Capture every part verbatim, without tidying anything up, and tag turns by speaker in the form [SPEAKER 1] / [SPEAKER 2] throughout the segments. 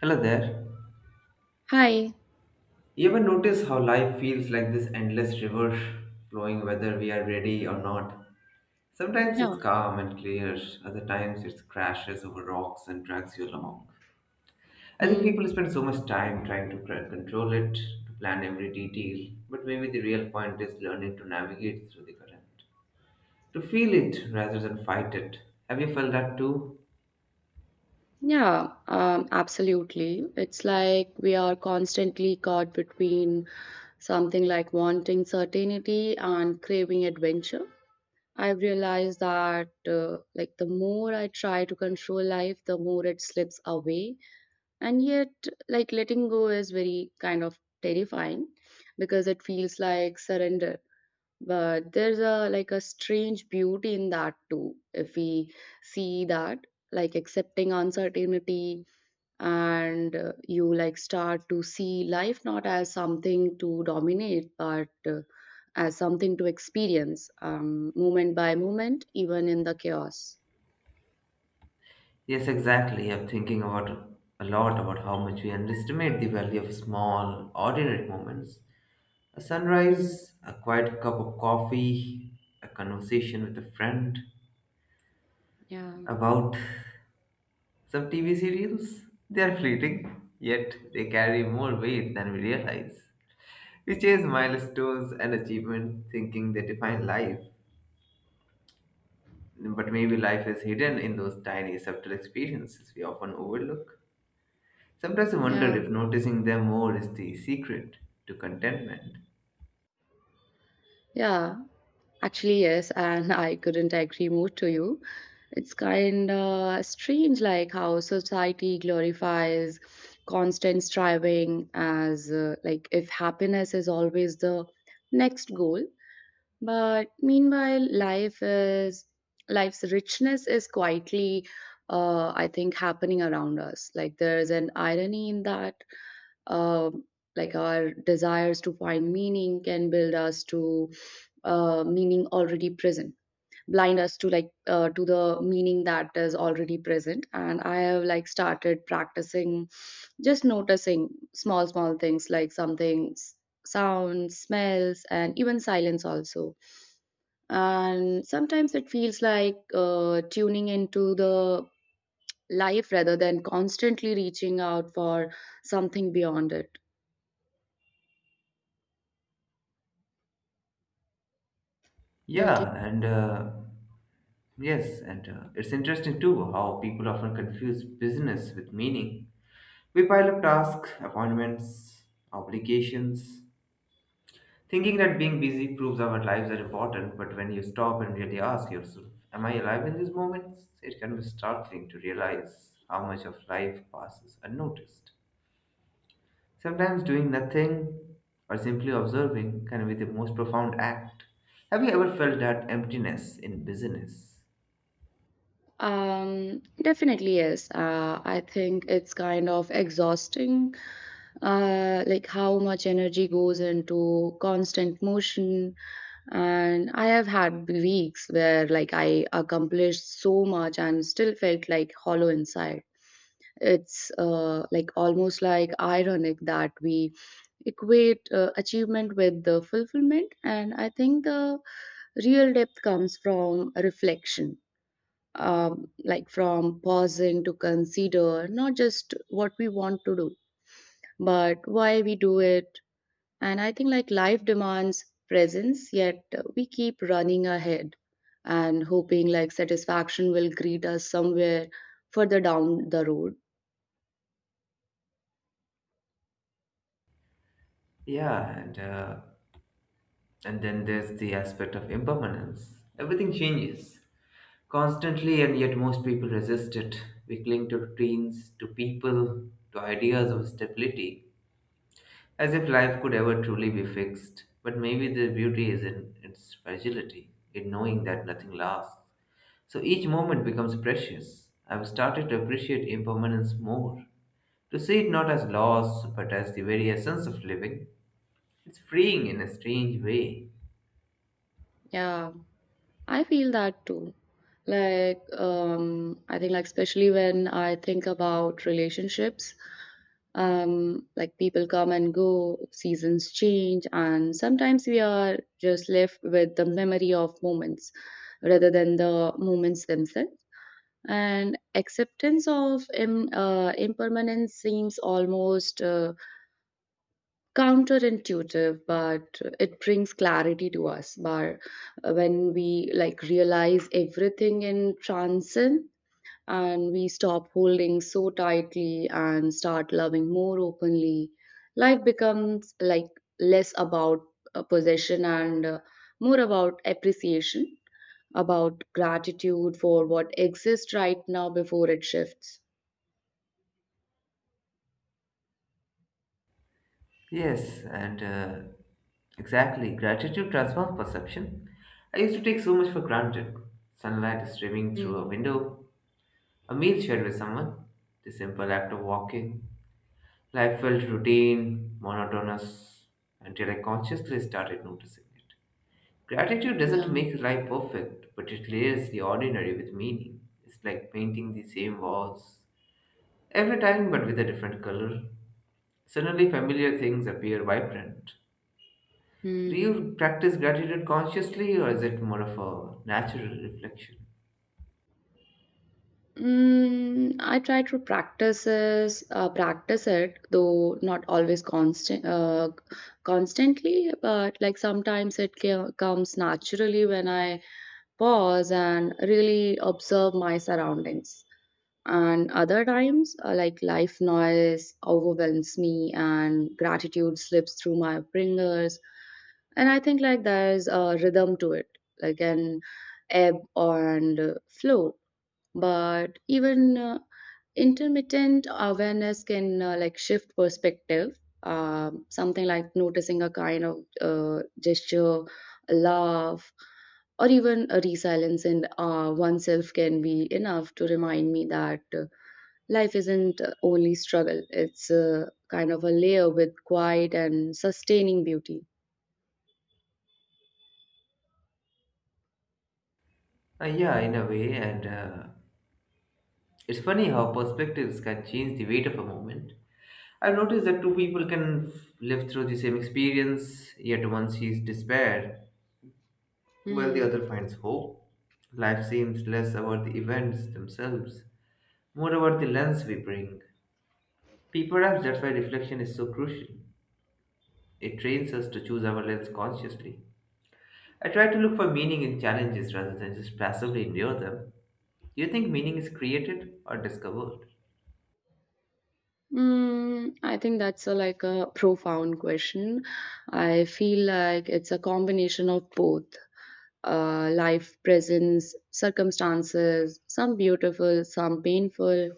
[SPEAKER 1] Hello there.
[SPEAKER 2] Hi.
[SPEAKER 1] You ever notice how life feels like this endless river flowing whether we are ready or not? Sometimes
[SPEAKER 2] Yeah.
[SPEAKER 1] it's calm and clear, other times it crashes over rocks and drags you along. I think people
[SPEAKER 2] Mm.
[SPEAKER 1] spend so much time trying to cr- control it, to plan every detail, but maybe the real point is learning to navigate through the current, to feel it rather than fight it. Have you felt that too?
[SPEAKER 2] Yeah, um, absolutely. It's like we are constantly caught between something like wanting certainty and craving adventure. I've realized that uh, like the more I try to control life, the more it slips away. And yet, like letting go is very kind of terrifying because it feels like surrender. But there's a like a strange beauty in that too, if we see that, like accepting uncertainty, and uh, you like start to see life not as something to dominate but uh, as something to experience um, moment by moment, even in the chaos.
[SPEAKER 1] Yes, exactly. I'm thinking about a lot about how much we underestimate the value of small, ordinary moments. A
[SPEAKER 2] Mm,
[SPEAKER 1] sunrise, a quiet cup of coffee, a conversation with a friend
[SPEAKER 2] yeah,
[SPEAKER 1] about some T V serials. They are fleeting, yet they carry more weight than we realize. We chase milestones and achievements thinking they define life, but maybe life is hidden in those tiny, subtle experiences we often overlook. Sometimes I wonder
[SPEAKER 2] yeah,
[SPEAKER 1] if noticing them more is the secret to contentment.
[SPEAKER 2] yeah. Actually, yes, and I couldn't agree more to you. It's kind of strange, like how society glorifies constant striving as uh, like if happiness is always the next goal. But meanwhile, life is life's richness is quietly, uh, I think, happening around us. Like there is an irony in that, um like our desires to find meaning can build us to uh, meaning already present blind us to, like, uh, to the meaning that is already present. And I have like started practicing just noticing small small things, like something s- sounds, smells, and even silence also. And sometimes it feels like uh, tuning into the life rather than constantly reaching out for something beyond it. Don't you?
[SPEAKER 1] Yeah, and uh, Yes, and uh, it's interesting too how people often confuse business with meaning. We pile up tasks, appointments, obligations, thinking that being busy proves our lives are important, but when you stop and really ask yourself, am I alive in these moments? It can be startling to realize how much of life passes unnoticed. Sometimes doing nothing or simply observing can be the most profound act. Have you ever felt that emptiness in business?
[SPEAKER 2] Um, definitely yes. Uh, I think it's kind of exhausting, uh, like how much energy goes into constant motion. And I have had weeks where like I accomplished so much and still felt like hollow inside. It's uh, like almost like ironic that we equate uh, achievement with the fulfillment, and I think the real depth comes from reflection, um, like from pausing to consider not just what we want to do, but why we do it. And I think like life demands presence, yet we keep running ahead and hoping like satisfaction will greet us somewhere further down the road.
[SPEAKER 1] Yeah, and uh, And then there's the aspect of impermanence. Everything changes constantly, and yet most people resist it. We cling to routines, to people, to ideas of stability, as if life could ever truly be fixed. But maybe the beauty is in its fragility, in knowing that nothing lasts. So each moment becomes precious. I've started to appreciate impermanence more, to see it not as loss, but as the very essence of living. It's freeing in a strange way.
[SPEAKER 2] Yeah. I feel that too. Like, um, I think, like, especially when I think about relationships, um, like, people come and go, seasons change, and sometimes we are just left with the memory of moments rather than the moments themselves. And acceptance of im- uh, impermanence seems almost uh, counterintuitive, but it brings clarity to us. But uh, when we like realize everything in transcend, and we stop holding so tightly and start loving more openly, life becomes like less about uh, possession and uh, more about appreciation, about gratitude for what exists right now before it shifts.
[SPEAKER 1] Yes, and uh, exactly. Gratitude transforms perception. I used to take so much for granted. Sunlight streaming through a
[SPEAKER 2] Mm,
[SPEAKER 1] window, a meal shared with someone, the simple act of walking. Life felt routine, monotonous, until I consciously started noticing it. Gratitude doesn't
[SPEAKER 2] yeah.
[SPEAKER 1] make life perfect, but it layers the ordinary with meaning. It's like painting the same walls every time but with a different color. Suddenly, familiar things appear vibrant. Do
[SPEAKER 2] Mm.
[SPEAKER 1] you practice gratitude consciously, or is it more of a natural reflection?
[SPEAKER 2] Mm, I try to practices uh, practice it, though not always constant uh, constantly, but like sometimes it ca- comes naturally when I pause and really observe my surroundings. And other times uh, like life noise overwhelms me and gratitude slips through my fingers. And I think like there's a rhythm to it, like an ebb and flow. But even uh, intermittent awareness can uh, like shift perspective, um, something like noticing a kind of uh, gesture, a laugh, or even a resilience in uh, oneself can be enough to remind me that uh, life isn't uh, only struggle, it's uh, kind of a layer with quiet and sustaining beauty.
[SPEAKER 1] Uh, yeah, in a way, and uh, it's funny how perspectives can change the weight of a moment. I've noticed that two people can f- live through the same experience, yet one sees despair while the
[SPEAKER 2] Hmm.
[SPEAKER 1] other finds hope. Life seems less about the events themselves, more about the lens we bring. Pe- Perhaps that's why reflection is so crucial. It trains us to choose our lens consciously. I try to look for meaning in challenges rather than just passively endure them. Do you think meaning is created or discovered?
[SPEAKER 2] Mm, I think that's a, like a profound question. I feel like it's a combination of both, uh, life presence, circumstances, some beautiful, some painful.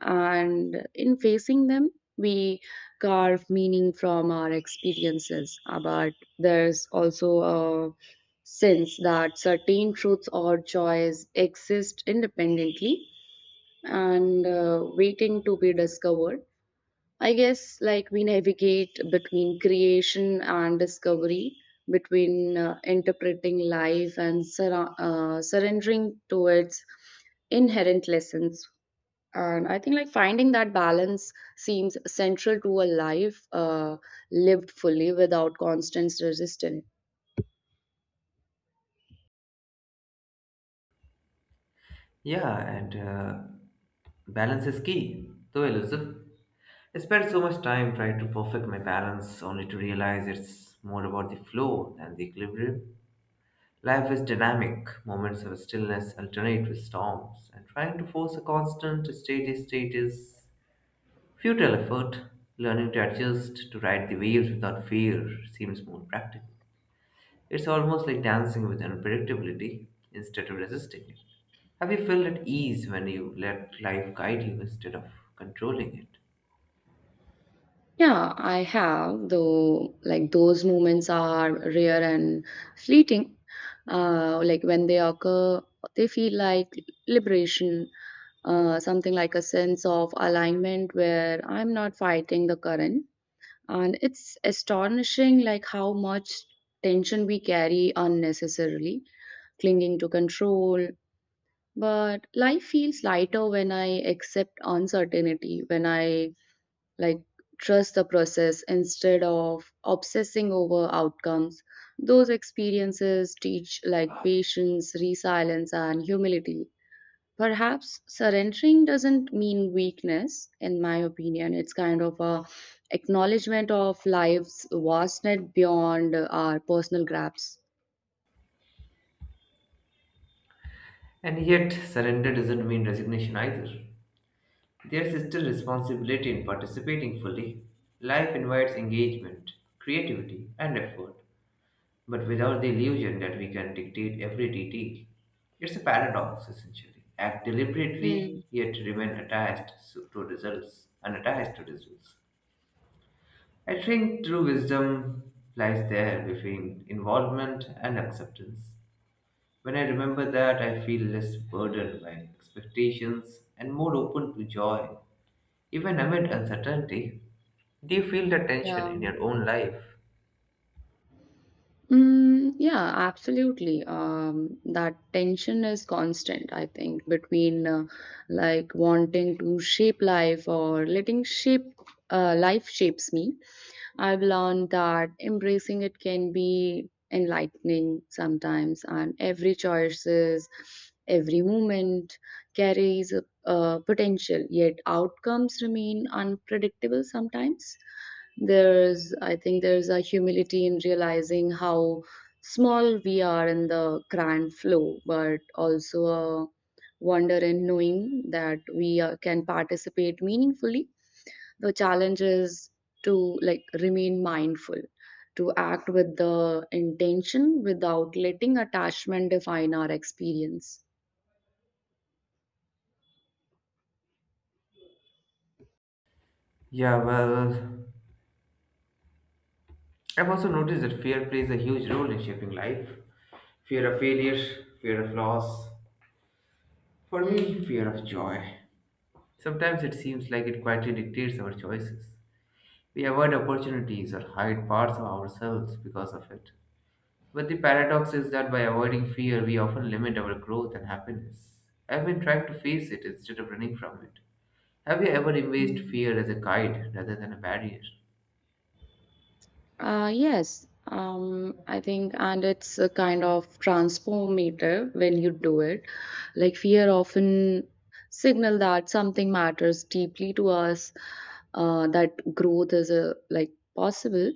[SPEAKER 2] And in facing them, we carve meaning from our experiences. Uh, But there's also a sense that certain truths or joys exist independently and uh, waiting to be discovered. I guess like we navigate between creation and discovery, between uh, interpreting life and sur- uh, surrendering to its inherent lessons. And I think like finding that balance seems central to a life uh, lived fully without constant resistance.
[SPEAKER 1] Yeah, and uh, balance is key, though elusive. I spent so much time trying to perfect my balance only to realize it's more about the flow than the equilibrium. Life is dynamic, moments of stillness alternate with storms, and trying to force a constant steady state is futile effort. Learning to adjust to ride the waves without fear seems more practical. It's almost like dancing with unpredictability instead of resisting it. Have you felt at ease when you let life guide you instead of controlling it?
[SPEAKER 2] Yeah, I have, though, like those moments are rare and fleeting. Uh, like when they occur, they feel like liberation, uh, something like a sense of alignment where I'm not fighting the current. And it's astonishing like how much tension we carry unnecessarily, clinging to control. But life feels lighter when I accept uncertainty, when I like trust the process instead of obsessing over outcomes. Those experiences teach like patience, resilience, and humility. Perhaps surrendering doesn't mean weakness, in my opinion. It's kind of a acknowledgement of life's vastness beyond our personal grasp.
[SPEAKER 1] And yet, surrender doesn't mean resignation either. There's still responsibility in participating fully. Life invites engagement, creativity, and effort, but without the illusion that we can dictate every detail. It's a paradox, essentially. Act deliberately,
[SPEAKER 2] Hmm.
[SPEAKER 1] yet remain attached so- to results, unattached to results. I think true wisdom lies there between involvement and acceptance. When I remember that, I feel less burdened by expectations and more open to joy. Even amid uncertainty, do you feel the tension
[SPEAKER 2] Yeah.
[SPEAKER 1] in your own life?
[SPEAKER 2] Mm, yeah, absolutely. Um, that tension is constant, I think, between uh, like wanting to shape life or letting shape uh, life shapes me. I've learned that embracing it can be enlightening sometimes, and every choices, every moment carries a, a potential, yet outcomes remain unpredictable sometimes. There's, I think, there's a humility in realizing how small we are in the grand flow, but also a wonder in knowing that we uh, can participate meaningfully. The challenge is to like remain mindful, to act with the intention without letting attachment define our experience.
[SPEAKER 1] Yeah, well, I've also noticed that fear plays a huge role in shaping life. Fear of failure, fear of loss. For me,
[SPEAKER 2] Mm.
[SPEAKER 1] fear of joy. Sometimes it seems like it quietly dictates our choices. We avoid opportunities or hide parts of ourselves because of it. But the paradox is that by avoiding fear, we often limit our growth and happiness. I've been trying to face it instead of running from it. Have you ever embraced
[SPEAKER 2] Mm.
[SPEAKER 1] fear as a guide rather than a barrier?
[SPEAKER 2] Uh, yes, um, I think, and it's a kind of transformative when you do it. Like fear often signal that something matters deeply to us, uh, that growth is a, like possible.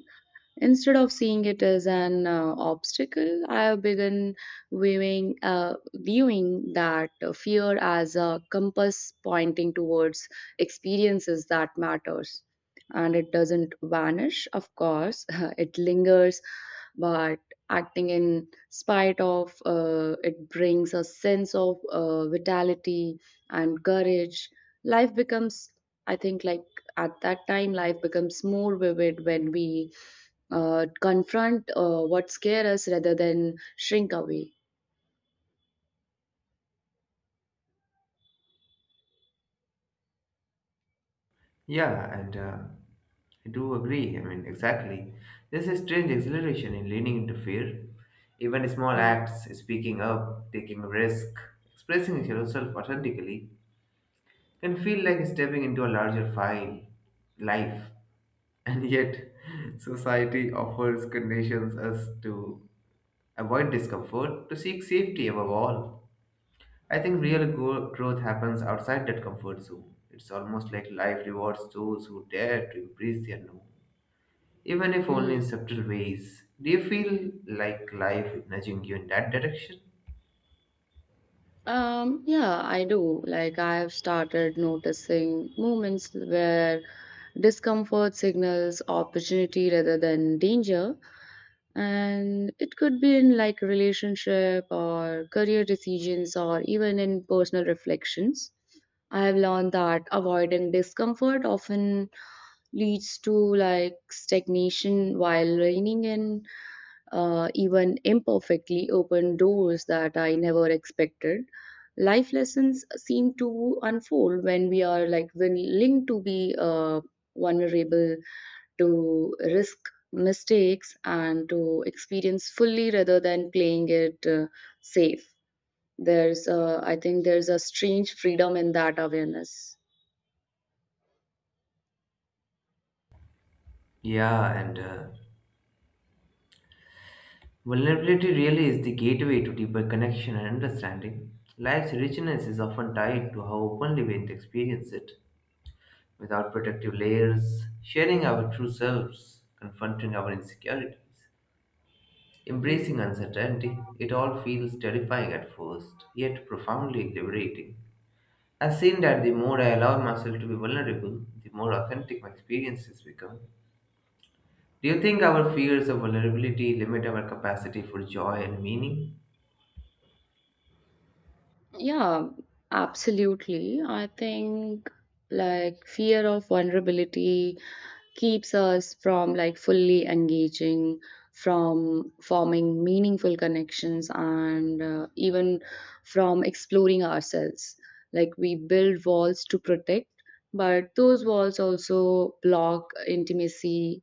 [SPEAKER 2] Instead of seeing it as an uh, obstacle, I have begun viewing, uh, viewing that fear as a compass pointing towards experiences that matters. And it doesn't vanish, of course, it lingers, but acting in spite of uh, it brings a sense of uh, vitality and courage. Life becomes, I think, like at that time, life becomes more vivid when we uh, confront uh, what scare us rather than shrink away.
[SPEAKER 1] Yeah, and uh, I do agree. I mean, exactly. There's a strange exhilaration in leaning into fear. Even small
[SPEAKER 2] Mm,
[SPEAKER 1] acts, speaking up, taking a risk, expressing yourself authentically, can feel like stepping into a larger file, life. And yet, society offers conditions us to avoid discomfort, to seek safety above all. I think real go- growth happens outside that comfort zone. It's almost like life rewards those who dare to embrace the unknown, even if only in
[SPEAKER 2] mm.
[SPEAKER 1] subtle ways. Do you feel like life is nudging you in that direction?
[SPEAKER 2] Um, yeah, I do. Like, I have started noticing moments where discomfort signals opportunity rather than danger. And it could be in like relationship or career decisions or even in personal reflections. I have learned that avoiding discomfort often leads to like stagnation while reining in, uh, even imperfectly, open doors that I never expected. Life lessons seem to unfold when we are like willing to be uh, vulnerable, to risk mistakes and to experience fully rather than playing it uh, safe. There's, uh, I think, there's a strange freedom in that awareness.
[SPEAKER 1] Yeah, and uh, vulnerability really is the gateway to deeper connection and understanding. Life's richness is often tied to how openly we experience it, without protective layers, sharing our true selves, confronting our insecurities,
[SPEAKER 2] Mm.
[SPEAKER 1] embracing uncertainty. It all feels terrifying at first, yet profoundly liberating. I've seen that the more I allow myself to be vulnerable, the more authentic my experiences become. Do you think our fears of vulnerability limit our capacity for joy and meaning?
[SPEAKER 2] Yeah, absolutely. I think like fear of vulnerability keeps us from like fully engaging, from forming meaningful connections, and uh, even from exploring ourselves. Like we build walls to protect, but those walls also block intimacy,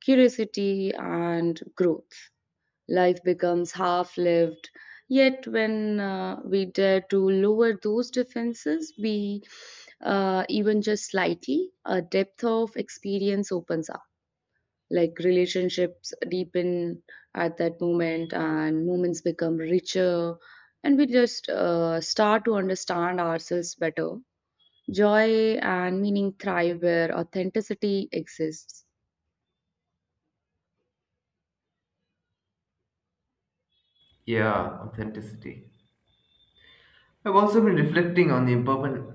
[SPEAKER 2] curiosity, and growth. Life becomes half lived. Yet, when uh, we dare to lower those defenses, we, uh, even just slightly, a depth of experience opens up. Like relationships deepen at that moment, and moments become richer, and we just uh, start to understand ourselves better. Joy and meaning thrive where authenticity exists.
[SPEAKER 1] Yeah, authenticity. I've also been reflecting on the important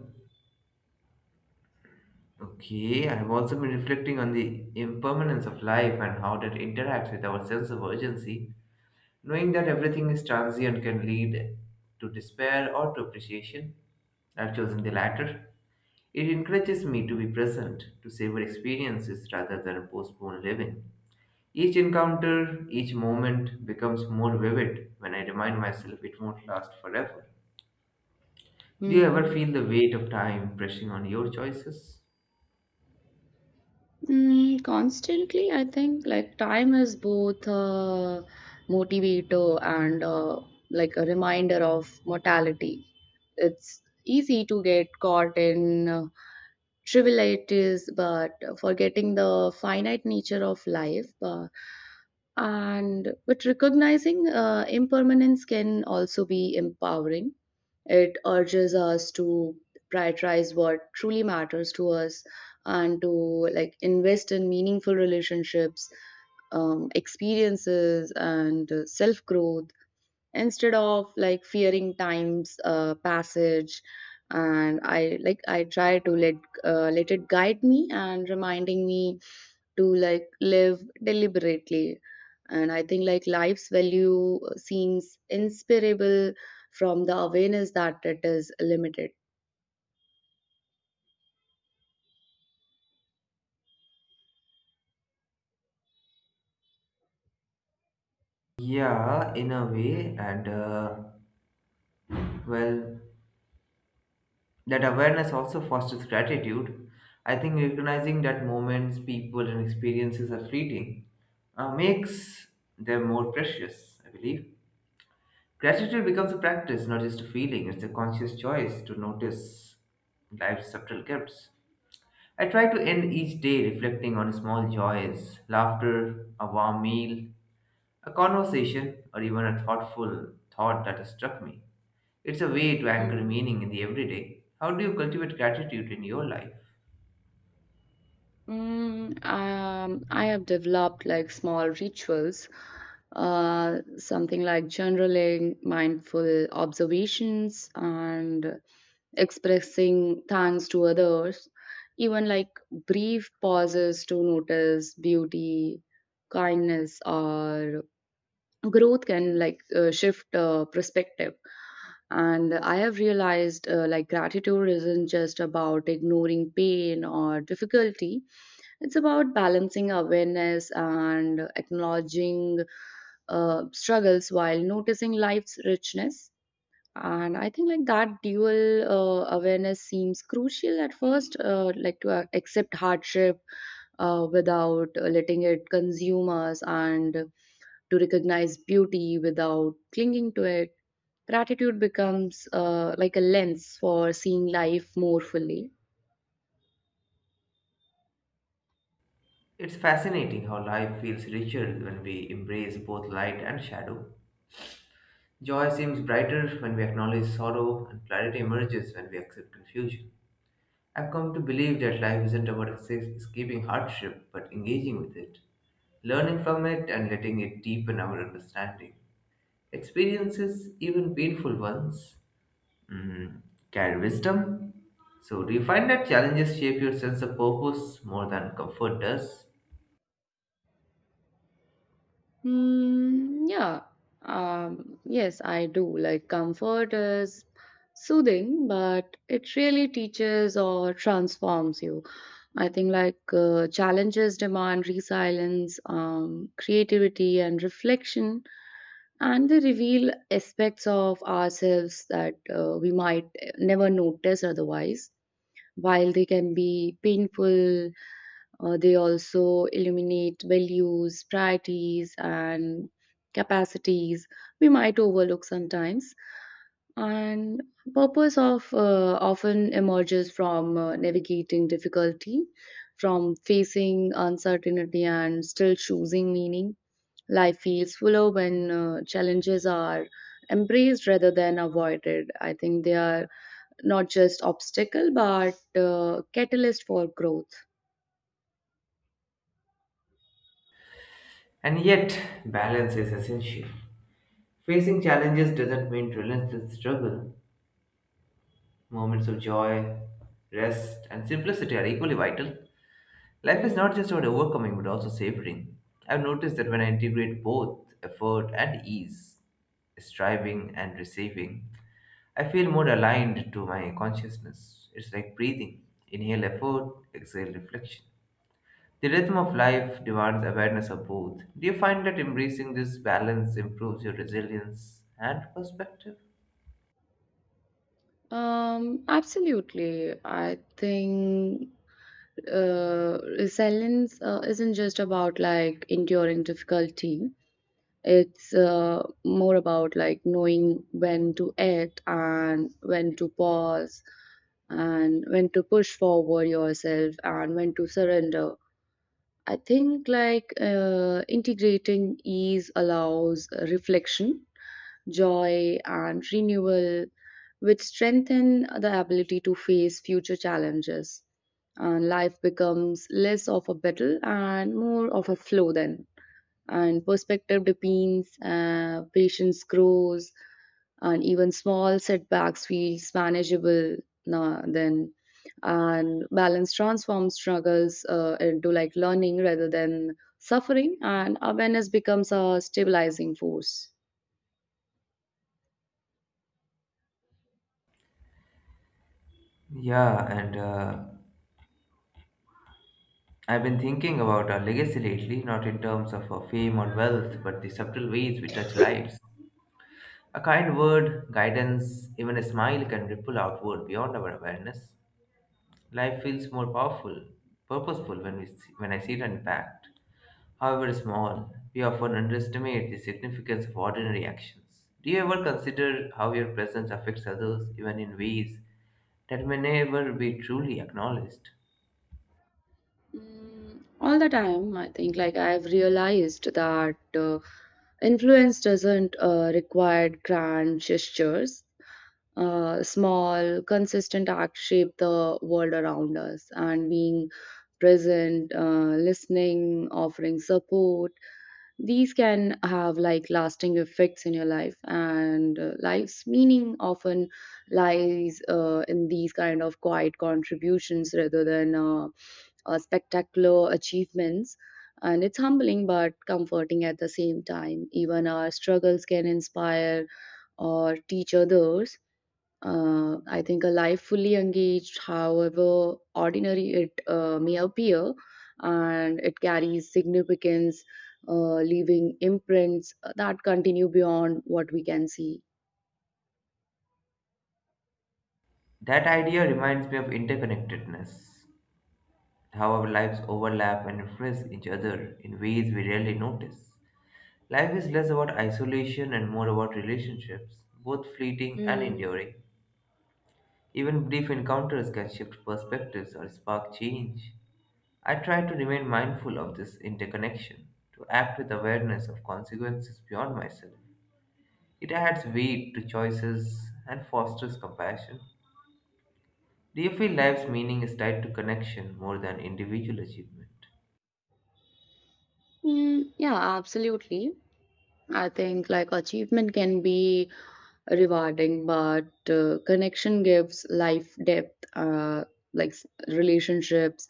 [SPEAKER 1] Okay, I've also been reflecting on the impermanence of life and how that interacts with our sense of urgency. Knowing that everything is transient can lead to despair or to appreciation. I've chosen the latter. It encourages me to be present, to savor experiences rather than postpone living. Each encounter, each moment becomes more vivid when I remind myself it won't last forever. Do you ever
[SPEAKER 2] Hmm.
[SPEAKER 1] feel the weight of time pressing on your choices?
[SPEAKER 2] Mm, constantly, I think, like time is both a motivator and uh like a reminder of mortality. It's easy to get caught in uh, trivial it is, but forgetting the finite nature of life. Uh, and but recognizing uh, impermanence can also be empowering. It urges us to prioritize what truly matters to us and to like invest in meaningful relationships, um, experiences, and self growth instead of like fearing time's uh, passage. And i like i try to let, uh, let it guide me and reminding me to like live deliberately. And I think like life's value uh, seems inspirable from the awareness that it is limited.
[SPEAKER 1] Yeah, in a way. And uh, Well, that awareness also fosters gratitude. I think recognizing that moments, people, and experiences are fleeting uh, makes them more precious, I believe. Gratitude becomes a practice, not just a feeling, it's a conscious choice to notice life's subtle gifts. I try to end each day reflecting on small joys, laughter, a warm meal, a conversation, or even a thoughtful thought that has struck me. It's a way to anchor meaning in the everyday. How do you cultivate gratitude in your life?
[SPEAKER 2] Mm, um, I have developed like small rituals, uh, something like journaling, mindful observations, and expressing thanks to others. Even like brief pauses to notice beauty, kindness, or growth can like uh, shift uh, perspective. And I have realized, uh, like gratitude isn't just about ignoring pain or difficulty, it's about balancing awareness and acknowledging uh, struggles while noticing life's richness. And I think like that dual uh, awareness seems crucial at first, uh, like to uh, accept hardship uh, without uh, letting it consume us, and to recognize beauty without clinging to it. Gratitude becomes, uh, like a lens for seeing life more fully.
[SPEAKER 1] It's fascinating how life feels richer when we embrace both light and shadow. Joy seems brighter when we acknowledge sorrow, and clarity emerges when we accept confusion. I've come to believe that life isn't about esca- escaping hardship, but engaging with it, learning from it, and letting it deepen our understanding. Experiences, even painful ones, mm, carry wisdom. So, do you find that challenges shape your sense of purpose more than comfort does?
[SPEAKER 2] Mm, yeah. Um, yes, I do. Like comfort is soothing, but it really teaches or transforms you. I think like uh, challenges demand resilience, um, creativity, and reflection, and they reveal aspects of ourselves that uh, we might never notice otherwise. While they can be painful, uh, they also illuminate values, priorities, and capacities we might overlook sometimes. And purpose of, uh, often emerges from uh, navigating difficulty, from facing uncertainty, and still choosing meaning. Life feels fuller when uh, challenges are embraced rather than avoided. I think they are not just obstacle but uh, catalyst for growth.
[SPEAKER 1] And yet, balance is essential. Facing challenges doesn't mean relentless struggle. Moments of joy, rest, and simplicity are equally vital. Life is not
[SPEAKER 2] Mm.
[SPEAKER 1] just about overcoming but also savoring. I've noticed that when I integrate both effort and ease, striving and receiving, I feel more aligned to my consciousness. It's like breathing. Inhale effort, exhale reflection. The rhythm of life demands awareness of both. Do you find that embracing this balance improves your resilience and perspective?
[SPEAKER 2] Um, absolutely. I think uh, resilience uh, isn't just about like enduring difficulty. It's uh, more about like knowing when to act and when to pause and when to push forward yourself and when to surrender. I think like uh, integrating ease allows reflection, joy, and renewal, which strengthen the ability to face future challenges. And life becomes less of a battle and more of a flow then. And perspective deepens, uh, patience grows, and even small setbacks feels manageable now then, and balance transforms struggles uh, into like learning rather than suffering, and awareness becomes a stabilizing force.
[SPEAKER 1] Yeah, and uh, I've been thinking about our legacy lately, not in terms of our fame or wealth, but the subtle ways we touch lives. A kind word, guidance, even a smile can ripple outward beyond our awareness. Life feels more powerful, purposeful when we see, when I see it unpacked. However small, we often underestimate the significance of ordinary actions. Do you ever consider how your presence affects others, even in ways that may never be truly acknowledged?
[SPEAKER 2] Mm, all the time. I think like I've realized that uh, influence doesn't uh, require grand gestures. Uh, small consistent acts shape the world around us, and being present, uh, listening, offering support. These can have like lasting effects in your life, and uh, life's meaning often lies uh, in these kind of quiet contributions rather than uh, uh, spectacular achievements. And it's humbling but comforting at the same time. Even our struggles can inspire or teach others. uh, I think a life fully engaged, however ordinary it uh, may appear, and it carries significance, uh, leaving imprints that continue beyond what we can see.
[SPEAKER 1] That idea reminds me of interconnectedness, how our lives overlap and influence each other in ways we rarely notice. Life is less about isolation and more about relationships, both fleeting and
[SPEAKER 2] Mm.
[SPEAKER 1] enduring. Even brief encounters can shift perspectives or spark change. I try to remain mindful of this interconnection, to act with awareness of consequences beyond myself. It adds weight to choices and fosters compassion. Do you feel life's meaning is tied to connection more than individual achievement?
[SPEAKER 2] Mm, yeah, absolutely. I think like achievement can be rewarding, but uh, connection gives life depth, uh, like s- relationships,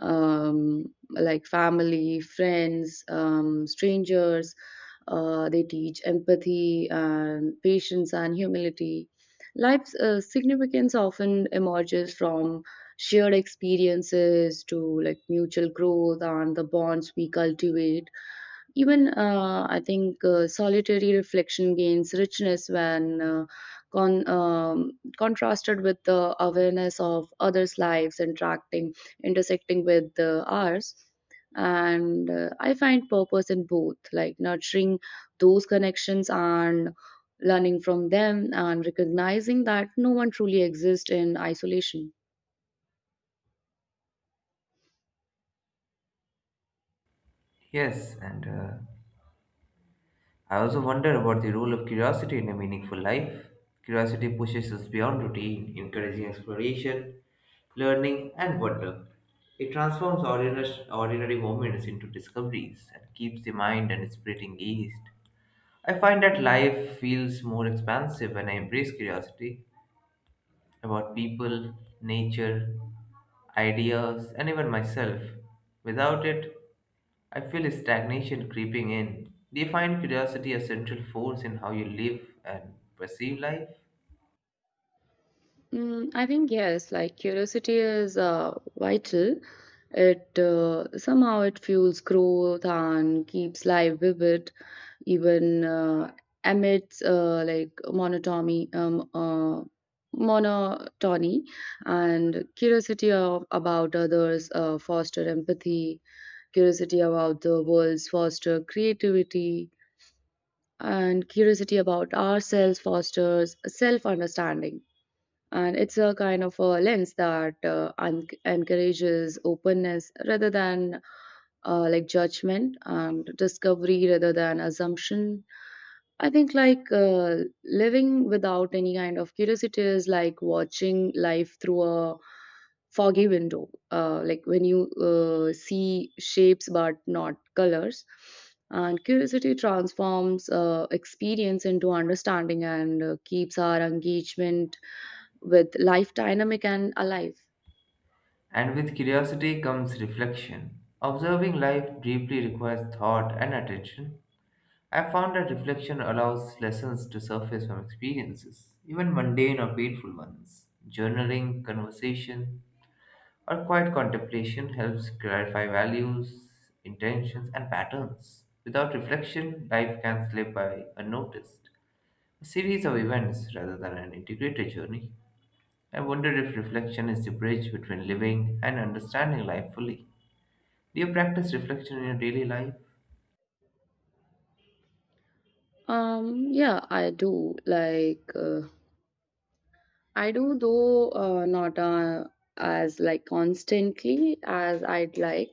[SPEAKER 2] um, like family, friends, um, strangers. Uh, they teach empathy and patience and humility. Life's uh, significance often emerges from shared experiences to like mutual growth and the bonds we cultivate. Even uh, I think uh, solitary reflection gains richness when uh, con- um, contrasted with the awareness of others' lives interacting, intersecting with uh, ours. And uh, I find purpose in both, like nurturing those connections and learning from them, and recognizing that no one truly exists in isolation.
[SPEAKER 1] Yes, and uh, I also wonder about the role of curiosity in a meaningful life. Curiosity pushes us beyond routine, encouraging exploration, learning, and wonder. It transforms ordinary, ordinary moments into discoveries and keeps the mind and spirit engaged. I find that life feels more expansive when I embrace curiosity about people, nature, ideas, and even myself. Without it, I feel stagnation creeping in. Do you find curiosity a central force in how you live and perceive life?
[SPEAKER 2] Mm, I think yes, like curiosity is uh, vital. It uh, Somehow it fuels growth and keeps life vivid, even uh, amidst uh, like monotony, um, uh, monotony, and curiosity of, about others uh, foster empathy. Curiosity about the world foster creativity, and curiosity about ourselves fosters self understanding, and it's a kind of a lens that uh, un- encourages openness rather than uh, like judgment, and discovery rather than assumption. I think like uh, living without any kind of curiosity is like watching life through a foggy window, uh, like when you uh, see shapes but not colors. And curiosity transforms uh, experience into understanding, and uh, keeps our engagement with life dynamic and alive.
[SPEAKER 1] And with curiosity comes reflection. Observing life deeply requires thought and attention. I found that reflection allows lessons to surface from experiences, even mundane or painful ones. Journaling, conversation, our quiet contemplation helps clarify values, intentions, and patterns. Without reflection, life can slip by unnoticed, a series of events rather than an integrated journey. I wonder if reflection is the bridge between living and understanding life fully. Do you practice reflection in your daily life?
[SPEAKER 2] Um yeah, i do like uh, i do, though uh, not uh, as like constantly as I'd like.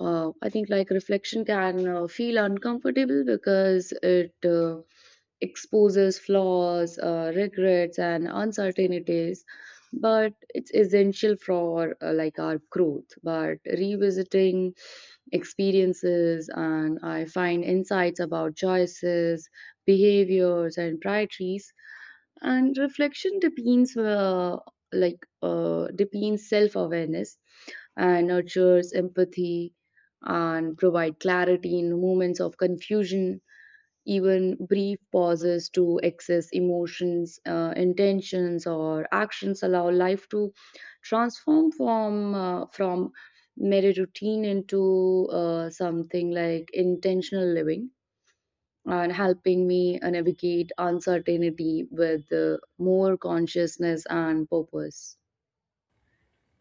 [SPEAKER 2] uh, I think like reflection can uh, feel uncomfortable because it uh, exposes flaws, uh, regrets, and uncertainties. But it's essential for uh, like our growth. But revisiting experiences, and I find insights about choices, behaviors, and priorities. And reflection depends uh, like uh, depends self awareness and nurtures empathy and provide clarity in moments of confusion. Even brief pauses to access emotions, uh, intentions, or actions allow life to transform from uh, from mere routine into uh, something like intentional living, and helping me uh, navigate uncertainty with uh, more consciousness and purpose.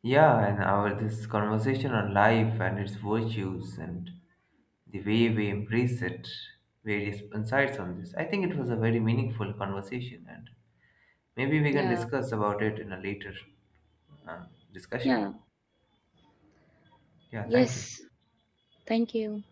[SPEAKER 1] Yeah, and our this conversation on life and its virtues and the way we embrace it, various insights on this. I think it was a very meaningful conversation and maybe we can
[SPEAKER 2] Yeah,
[SPEAKER 1] discuss about it in a later uh, discussion.
[SPEAKER 2] yeah,
[SPEAKER 1] Yeah, thank you.
[SPEAKER 2] yes. Thank you.